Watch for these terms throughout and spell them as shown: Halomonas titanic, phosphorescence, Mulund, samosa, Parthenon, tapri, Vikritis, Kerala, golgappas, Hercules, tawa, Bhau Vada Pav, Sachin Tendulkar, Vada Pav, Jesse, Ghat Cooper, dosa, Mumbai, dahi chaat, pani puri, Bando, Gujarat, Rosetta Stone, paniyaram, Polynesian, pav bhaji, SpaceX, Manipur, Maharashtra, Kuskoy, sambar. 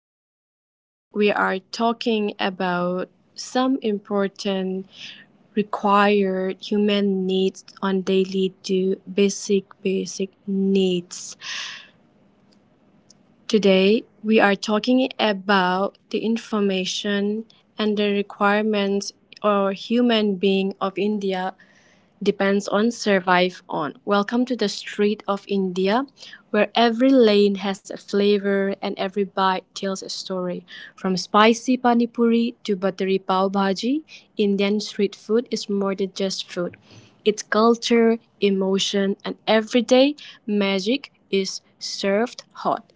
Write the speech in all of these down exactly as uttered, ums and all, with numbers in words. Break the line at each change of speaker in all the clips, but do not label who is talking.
Today we are talking about some important required human needs on daily do basic basic needs. Today we are talking about the information and the requirements or human being of India depends on survive on. Welcome to the street of India, where every lane has a flavor and every bite tells a story. From spicy pani to buttery pav bhaji, Indian street food is more than just food. Its culture, emotion, and everyday magic is served hot.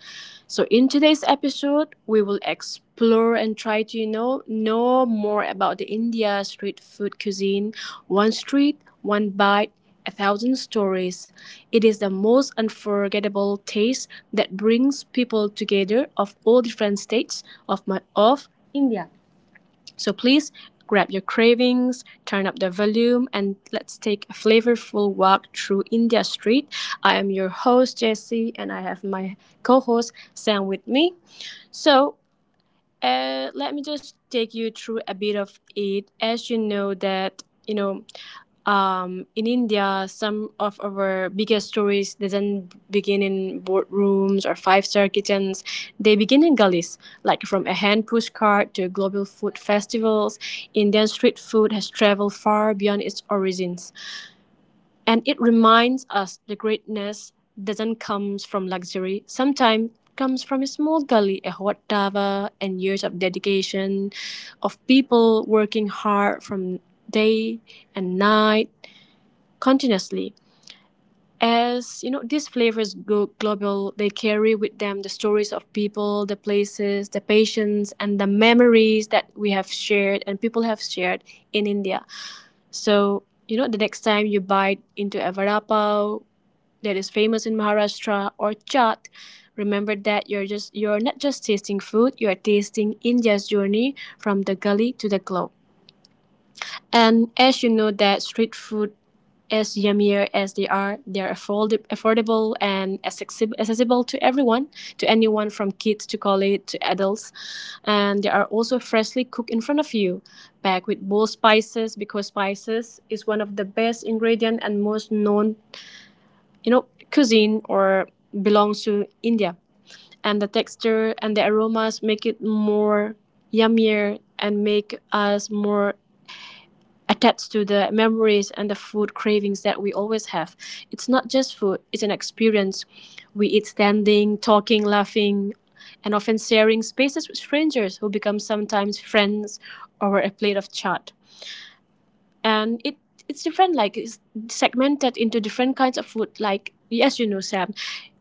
So in today's episode, we will explore and try to you know know more about the India street food cuisine. One street, one bite, a thousand stories. It is the most unforgettable taste that brings people together of all different states of my of India. So please grab your cravings, turn up the volume, and let's take a flavorful walk through India Street. I am your host, Jessie, and I have my co host, Sam, with me. So uh, let me just take you through a bit of it. As you know that you know, um, in India, some of our biggest stories doesn't begin in boardrooms or five-star kitchens. They begin in gullies, like from a hand postcard to global food festivals. Indian street food has traveled far beyond its origins. And it reminds us the greatness doesn't come from luxury. Sometimes it comes from a small gully, a hot dava, and years of dedication of people working hard from day and night continuously. As you know, these flavors go global. They carry with them the stories of people, the places, the patients, and the memories that we have shared and people have shared in India. So you know, the next time you bite into a vada pav that is famous in Maharashtra or chaat. Remember that you're just you're not just tasting food, you're tasting India's journey from the gully to the globe. And as you know that street food as yummier as they are, they're afford- affordable and accessible, accessible to everyone, to anyone from kids to college to adults. And they are also freshly cooked in front of you, packed with bold spices because spices is one of the best ingredient and most known you know, cuisine or belongs to India. And the texture and the aromas make it more yummier and make us more attached to the memories and the food cravings that we always have. It's not just food, it's an experience. We eat standing, talking, laughing, and often sharing spaces with strangers who become sometimes friends over a plate of chat. And it it's different, like it's segmented into different kinds of food. Like yes, you know, Sam,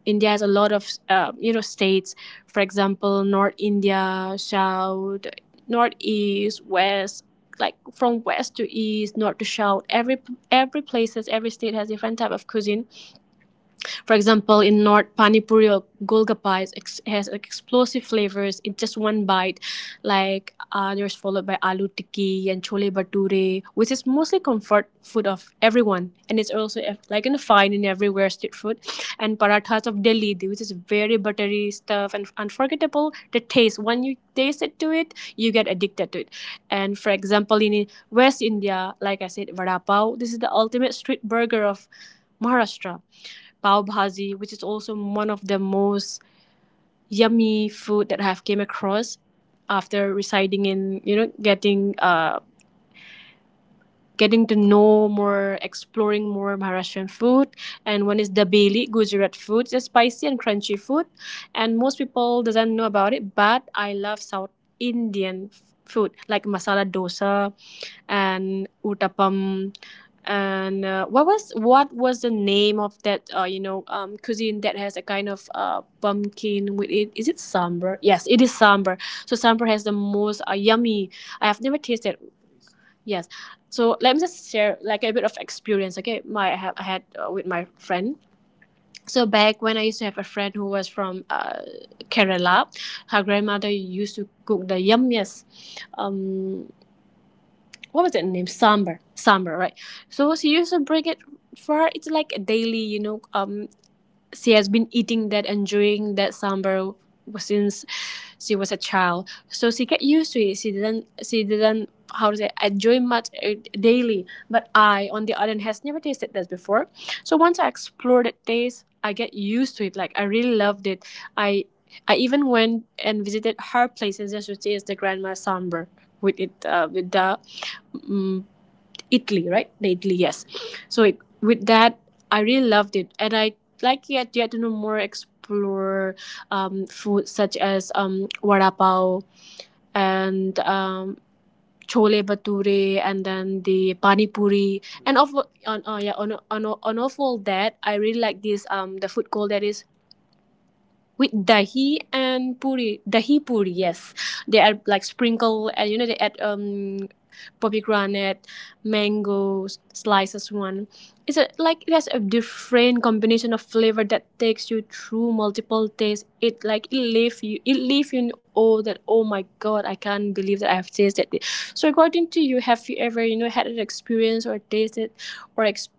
India has a lot of uh, you know states. For example, North India, south, northeast, west, like from west to east, north to south, every every places every state has different type of cuisine. For example, in North, panipuri or golgappa is ex- has, like, explosive flavors in just one bite. Like uh, there's followed by aloo tikki and chole bhature, which is mostly comfort food of everyone, and it's also eh, like in a fine in everywhere street food. And parathas of Delhi, which is very buttery stuff and unforgettable. The taste when you taste it to it, you get addicted to it. And for example, in West India, like I said, vada pav. This is the ultimate street burger of Maharashtra pav bhaji, which is also one of the most yummy food that I have came across after residing in, you know, getting uh, getting to know more, exploring more Maharashtrian food. And one is Dabeli, Gujarat food. It's a spicy and crunchy food. And most people doesn't know about it, but I love South Indian f- food like masala dosa and uttapam. And uh, what was what was the name of that uh, you know um, cuisine that has a kind of uh, pumpkin with it? Is it sambar? Yes, it is sambar. So sambar has the most uh, yummy. I have never tasted. Yes. So let me just share like a bit of experience. Okay, my I, have, I had uh, with my friend. So back when I used to have a friend who was from uh, Kerala, her grandmother used to cook the yummiest. Um, what was that name? Sambar. Sambar, right? So she used to bring it for her. It's like a daily, you know, um, she has been eating that, enjoying that sambar since she was a child. So she get used to it. She didn't. She didn't. How to say? Enjoy much uh, daily. But I, on the other hand, has never tasted that before. So once I explored that taste, I get used to it. Like I really loved it. I. I even went and visited her place and just to taste the grandma sambar with it uh, with the um, Italy, right? The Italy, yes. So it, with that, I really loved it, and I like yet yet to know more explore um, food such as um, vada pav and um, chole bature, and then the pani puri, and of on uh, yeah on on on of all that, I really like this um the food called that is with dahi and puri. Dahi puri, yes. They are like sprinkle and you know they add um pomegranate, mango slices one. It's a, like it has a different combination of flavor that takes you through multiple tastes. It like it leave you it leave you in awe that oh my god I can't believe that I have tasted it. So according to you, have you ever you know had an experience or tasted or ex-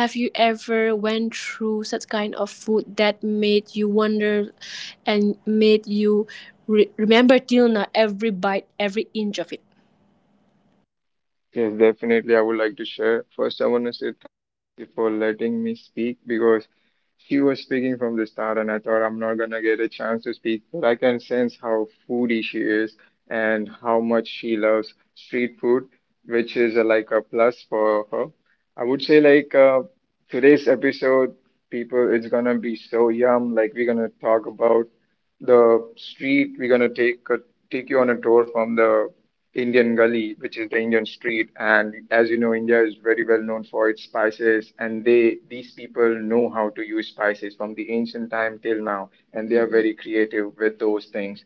have you ever went through such kind of food that made you wonder and made you re- remember till now every bite, every inch of it?
Yes, definitely. I would like to share. First, I want to say thank you for letting me speak because he was speaking from the start, and I thought I'm not gonna get a chance to speak, but I can sense how foodie she is and how much she loves street food, which is uh, like a plus for her. I would say like uh, today's episode people. It's gonna be so yum. Like we're gonna talk about the street. We're gonna take a, take you on a tour from the Indian Gully, which is the Indian street. And as you know, India is very well known for its spices, and they these people know how to use spices from the ancient time till now, and they are very creative with those things.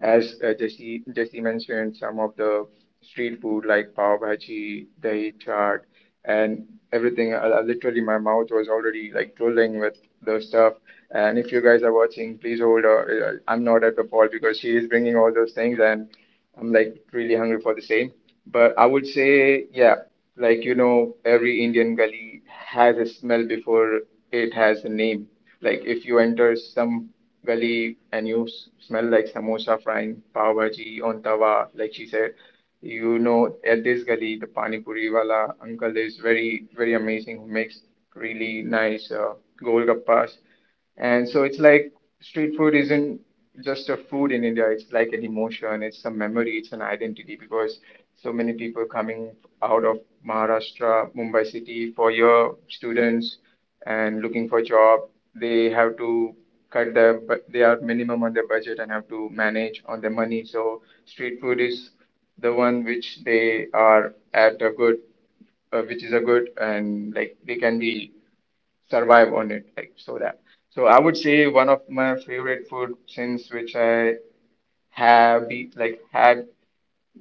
As uh, Jesse Jesse mentioned, some of the street food like pav bhaji, dahi chaat, and everything. I, I literally, my mouth was already like drooling with the stuff. And if you guys are watching, please hold her. Uh, I'm not at the fault because she is bringing all those things, and I'm like really hungry for the same. But I would say, yeah, like you know, every Indian gully has a smell before it has a name. Like if you enter some gully and you s- smell like samosa frying pav bhaji on tawa, like she said. You know, at this gully, the pani puri wala uncle is very, very amazing. Who makes really nice uh, golgappas. And so it's like street food isn't just a food in India. It's like an emotion, it's a memory, it's an identity because so many people coming out of Maharashtra, Mumbai city for your students and looking for job, they have to cut their but they are minimum on their budget and have to manage on their money. So street food is the one which they are at a good uh, which is a good and like they can be survive on it like so that so I would say one of my favorite food since which I have be, like had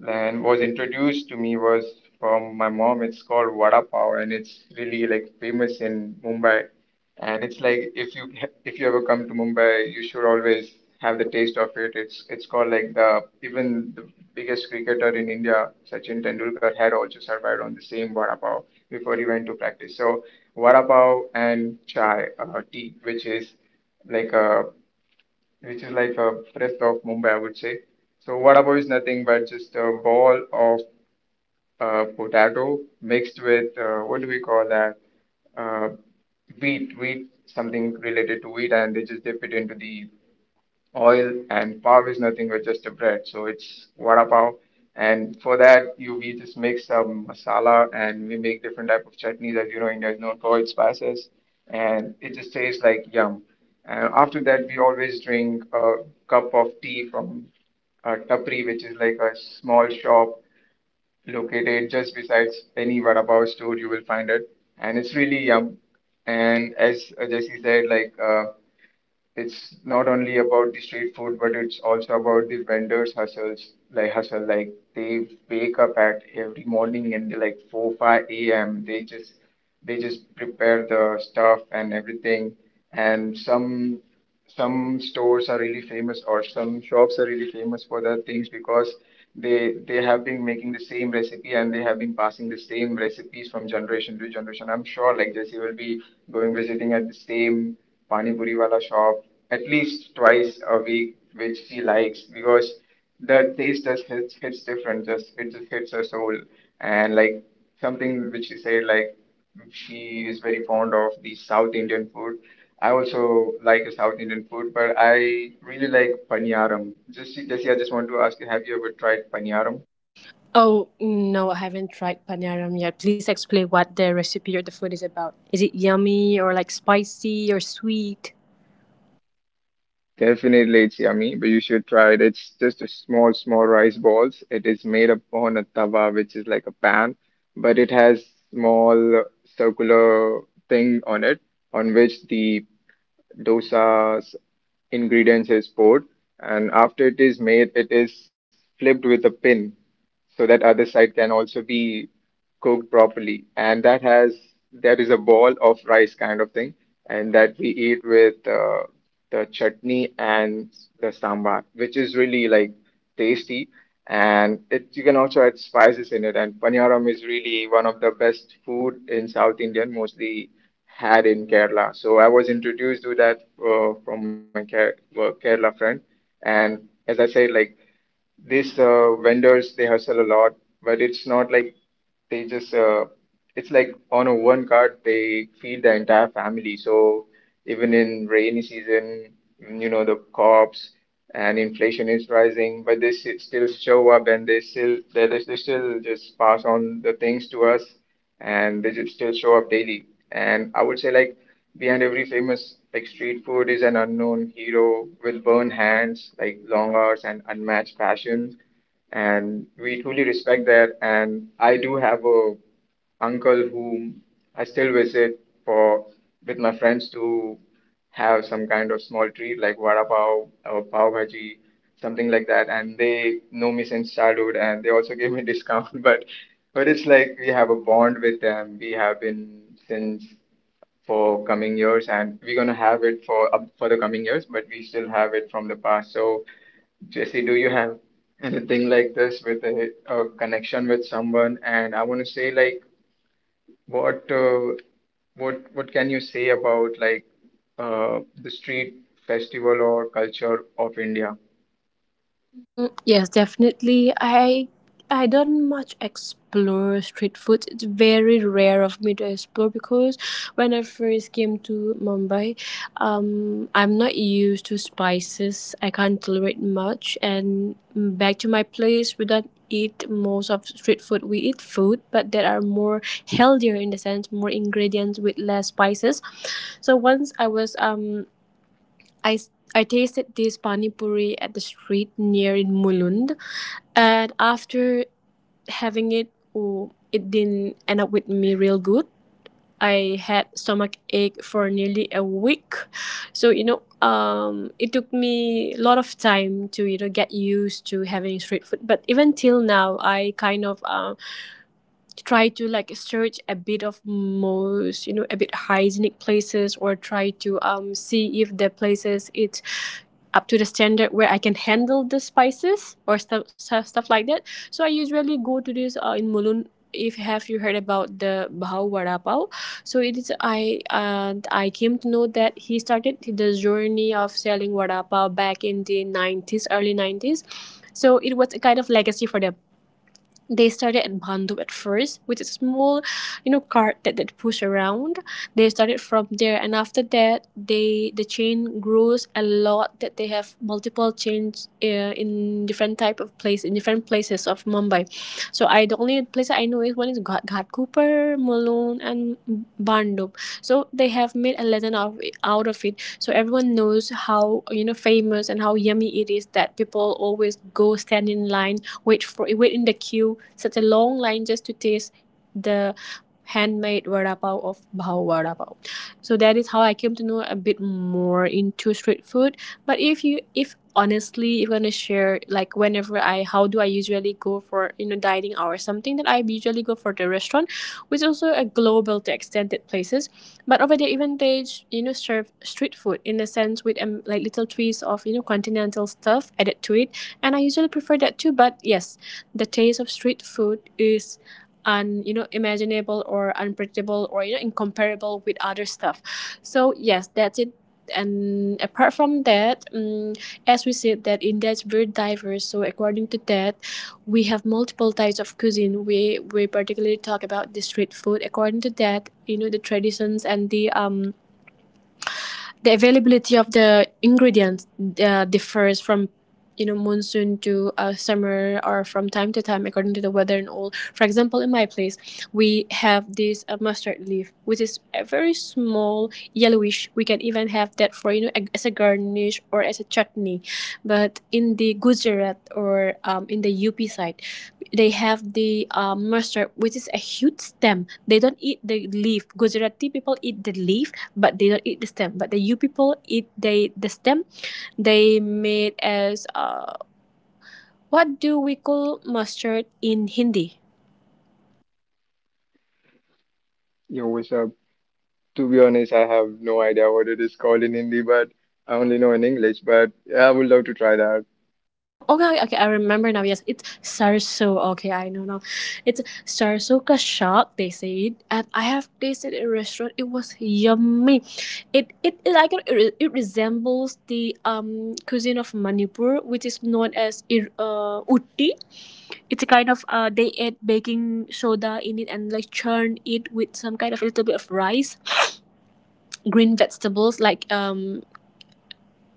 and was introduced to me was from my mom. It's called Vada Pav, and it's really like famous in Mumbai. And it's like if you if you ever come to Mumbai, you should always have the taste of it. It's it's called like the even the biggest cricketer in India, Sachin Tendulkar, had also survived on the same Vada Pav before he went to practice. So Vada Pav and chai, uh, tea, which is like a which is like a breath of Mumbai, I would say. So vada pav is nothing but just a ball of uh, potato mixed with uh, what do we call that? Uh, wheat, wheat, something related to wheat, and they just dip it into the oil, and pav is nothing but just a bread. So it's vada pav, and for that you we just make some masala and we make different type of chutneys. As you know, india is known for its spices, and it just tastes like yum. And after that we always drink a cup of tea from uh, tapri, which is like a small shop located just besides any vada pav store. You will find it, and it's really yum. And as uh, jesse said, like uh, it's not only about the street food, but it's also about the vendors' hustles, like hustle. Like they wake up at every morning, and they like four, five a m. They just they just prepare the stuff and everything. And some some stores are really famous, or some shops are really famous for their things because they they have been making the same recipe, and they have been passing the same recipes from generation to generation. I'm sure like Jesse will be going visiting at the same Pani puri wala shop at least twice a week, which she likes because the taste just hits hits different. Just it just hits her soul, and like something which she said, like she is very fond of the South Indian food. I also like the South Indian food, but I really like paniyaram. Just Jesse, I just want to ask you, have you ever tried paniyaram?
Oh no, I haven't tried panaram yet. Please explain what the recipe or the food is about. Is it yummy or like spicy or sweet?
Definitely, it's yummy, but you should try it. It's just a small, small rice balls. It is made upon a tawa, which is like a pan, but it has small circular thing on it, on which the dosa's ingredients is poured. And after it is made, it is flipped with a pin so that other side can also be cooked properly. And that has there is a ball of rice kind of thing, and that we eat with uh, the chutney and the sambar, which is really like tasty. And it you can also add spices in it. And paniyaram is really one of the best food in South Indian, mostly had in Kerala. So I was introduced to that uh, from my Ke- uh, Kerala friend. And as I said, like these uh, vendors they hustle a lot, but it's not like they just uh, it's like on a one card they feed the entire family. So even in rainy season, you know the crops and inflation is rising, but they s- still show up, and they still they, they still just pass on the things to us, and they just still show up daily. And I would say like behind every famous like street food is an unknown hero with burned hands, like long hours and unmatched passion, and we truly respect that. And I do have a uncle whom I still visit for with my friends to have some kind of small treat like vada pav or pav bhaji, something like that. And they know me since childhood, and they also give me discount. But but it's like we have a bond with them. We have been since for coming years, and we're gonna have it for up for the coming years. But we still have it from the past. So Jesse, do you have anything like this with a, a connection with someone? And I want to say, like, what uh, what what can you say about like uh, the street festival or culture of India?
Mm, yes, definitely. I I don't much explore street food. It's very rare of me to explore because when I first came to Mumbai, um, I'm not used to spices. I can't tolerate much, and mm, back to my place, we don't eat most of street food. We eat food, but that are more healthier in the sense, more ingredients with less spices. So once I was um I, s- I tasted this pani puri at the street near in Mulund, and after having it, oh, it didn't end up with me real good. I had stomach ache for nearly a week, so you know, um, it took me a lot of time to you know get used to having street food. But even till now, I kind of um try to like search a bit of most, you know, a bit hygienic places or try to um see if the places it's up to the standard where I can handle the spices or stuff stuff, stuff like that. So I usually go to this uh, in Mulun. If have you heard about the Bhau Vada Pav? So it is I and I came to know that he started the journey of selling Vada Pav back in the nineties, early nineties. So it was a kind of legacy for them. They started at Bando at first, with a small, you know, cart that that push around. They started from there, and after that, they the chain grows a lot. That they have multiple chains uh, in different type of place in different places of Mumbai. So I the only place I know is one is Ghat, Ghat Cooper, Mulund, and Bando. So they have made a legend out of it, out of it. So everyone knows how you know famous and how yummy it is that people always go stand in line wait for wait in the queue, such a long line just to taste the handmade vada pav of Bhau Vada Pav. So that is how I came to know a bit more into street food. But if you, if honestly, if you want to share, like whenever I, how do I usually go for, you know, dining out or something, that I usually go for the restaurant, which is also a global to extended places. But over there even they, you know, serve street food in a sense with um, like little twist of, you know, continental stuff added to it. And I usually prefer that too. But yes, the taste of street food is un you know imaginable or unpredictable or you know incomparable with other stuff. So yes, that's it. And apart from that, um, as we said that India is very diverse, so according to that we have multiple types of cuisine. We we particularly talk about the street food according to that, you know, the traditions and the um the availability of the ingredients uh, differs from, you know, monsoon to uh, summer or from time to time according to the weather and all. For example, in my place, we have this uh, mustard leaf, which is a very small yellowish, we can even have that for, you know, a- as a garnish or as a chutney. But in the Gujarat or um, in the UP side, they have the um, mustard which is a huge stem. They don't eat the leaf. Gujarati people eat the leaf, but they don't eat the stem. But the you people eat they the stem. They made as uh, what do we call mustard in Hindi?
Yo, what's up? To be honest, I have no idea what it is called in Hindi, but I only know in English. But yeah, I would love to try that.
No, okay, okay, okay, I remember now. Yes, it's sarso. Okay, I know now. It's sarso ka shak. They say it, and I have tasted it in a restaurant. It was yummy. It it, it like it, it resembles the um cuisine of Manipur, which is known as ir- uh, utti. It's a kind of uh, they add baking soda in it and like churn it with some kind of little bit of rice, green vegetables like um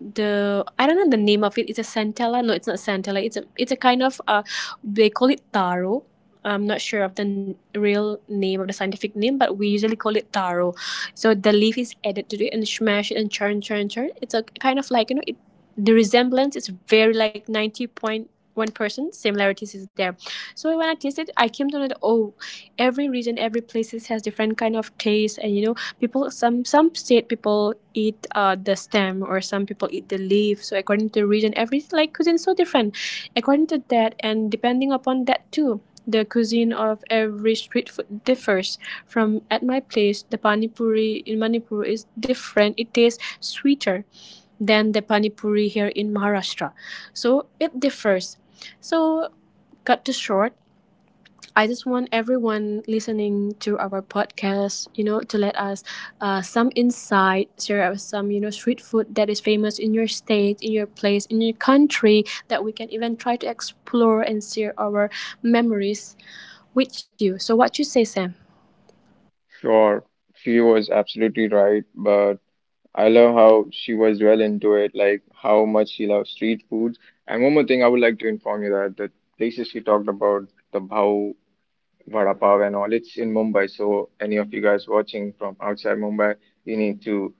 the I don't know the name of it. It's a Santella. No, it's not Santella. It's a it's a kind of uh, they call it taro. I'm not sure of the n- real name of the scientific name, but we usually call it taro. So the leaf is added to it and smash it and churn, churn, churn. It's a kind of, like, you know it. The resemblance is very like ninety point one percent similarities is there. So when I tasted, I came to know that oh, every region every places has different kind of taste. And you know people, some some state people eat uh, the stem or some people eat the leaf. So according to the region, every like cuisine is so different according to that, and depending upon that too, the cuisine of every street food differs from. At my place the panipuri in Manipur is different. It tastes sweeter than the panipuri here in Maharashtra. So it differs. So, cut to short, I just want everyone listening to our podcast, you know, to let us uh, some insight, share us some, you know, street food that is famous in your state, in your place, in your country that we can even try to explore and share our memories with you. So, what you say, Sam?
Sure, she was absolutely right, but. I love how she was well into it, like how much she loves street foods. And one more thing I would like to inform you that the places she talked about, the Bhau, Vada Pav and all, it's in Mumbai. So any of you guys watching from outside Mumbai, you need to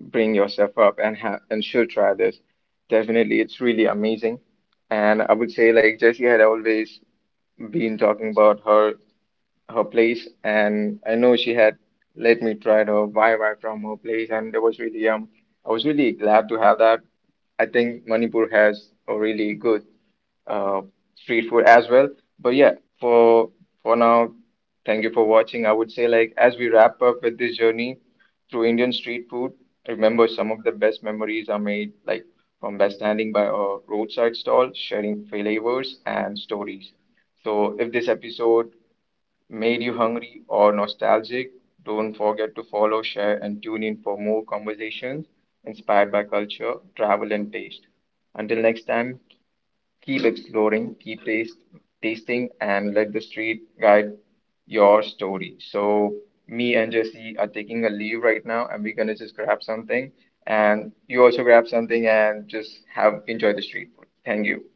bring yourself up and ha and should try this. Definitely, it's really amazing. And I would say like Jessie had always been talking about her her place, and I know she had let me try the Y Y from her place, and that was really um I was really glad to have that. I think Manipur has a really good uh, street food as well. But yeah, for for now, thank you for watching. I would say like as we wrap up with this journey through Indian street food, remember some of the best memories are made like from by standing by a roadside stall, sharing flavors and stories. So if this episode made you hungry or nostalgic, don't forget to follow, share, and tune in for more conversations inspired by culture, travel, and taste. Until next time, keep exploring, keep taste, tasting, and let the street guide your story. So, me and Jesse are taking a leave right now, and we're gonna just grab something, and you also grab something and just have enjoy the street food. Thank you.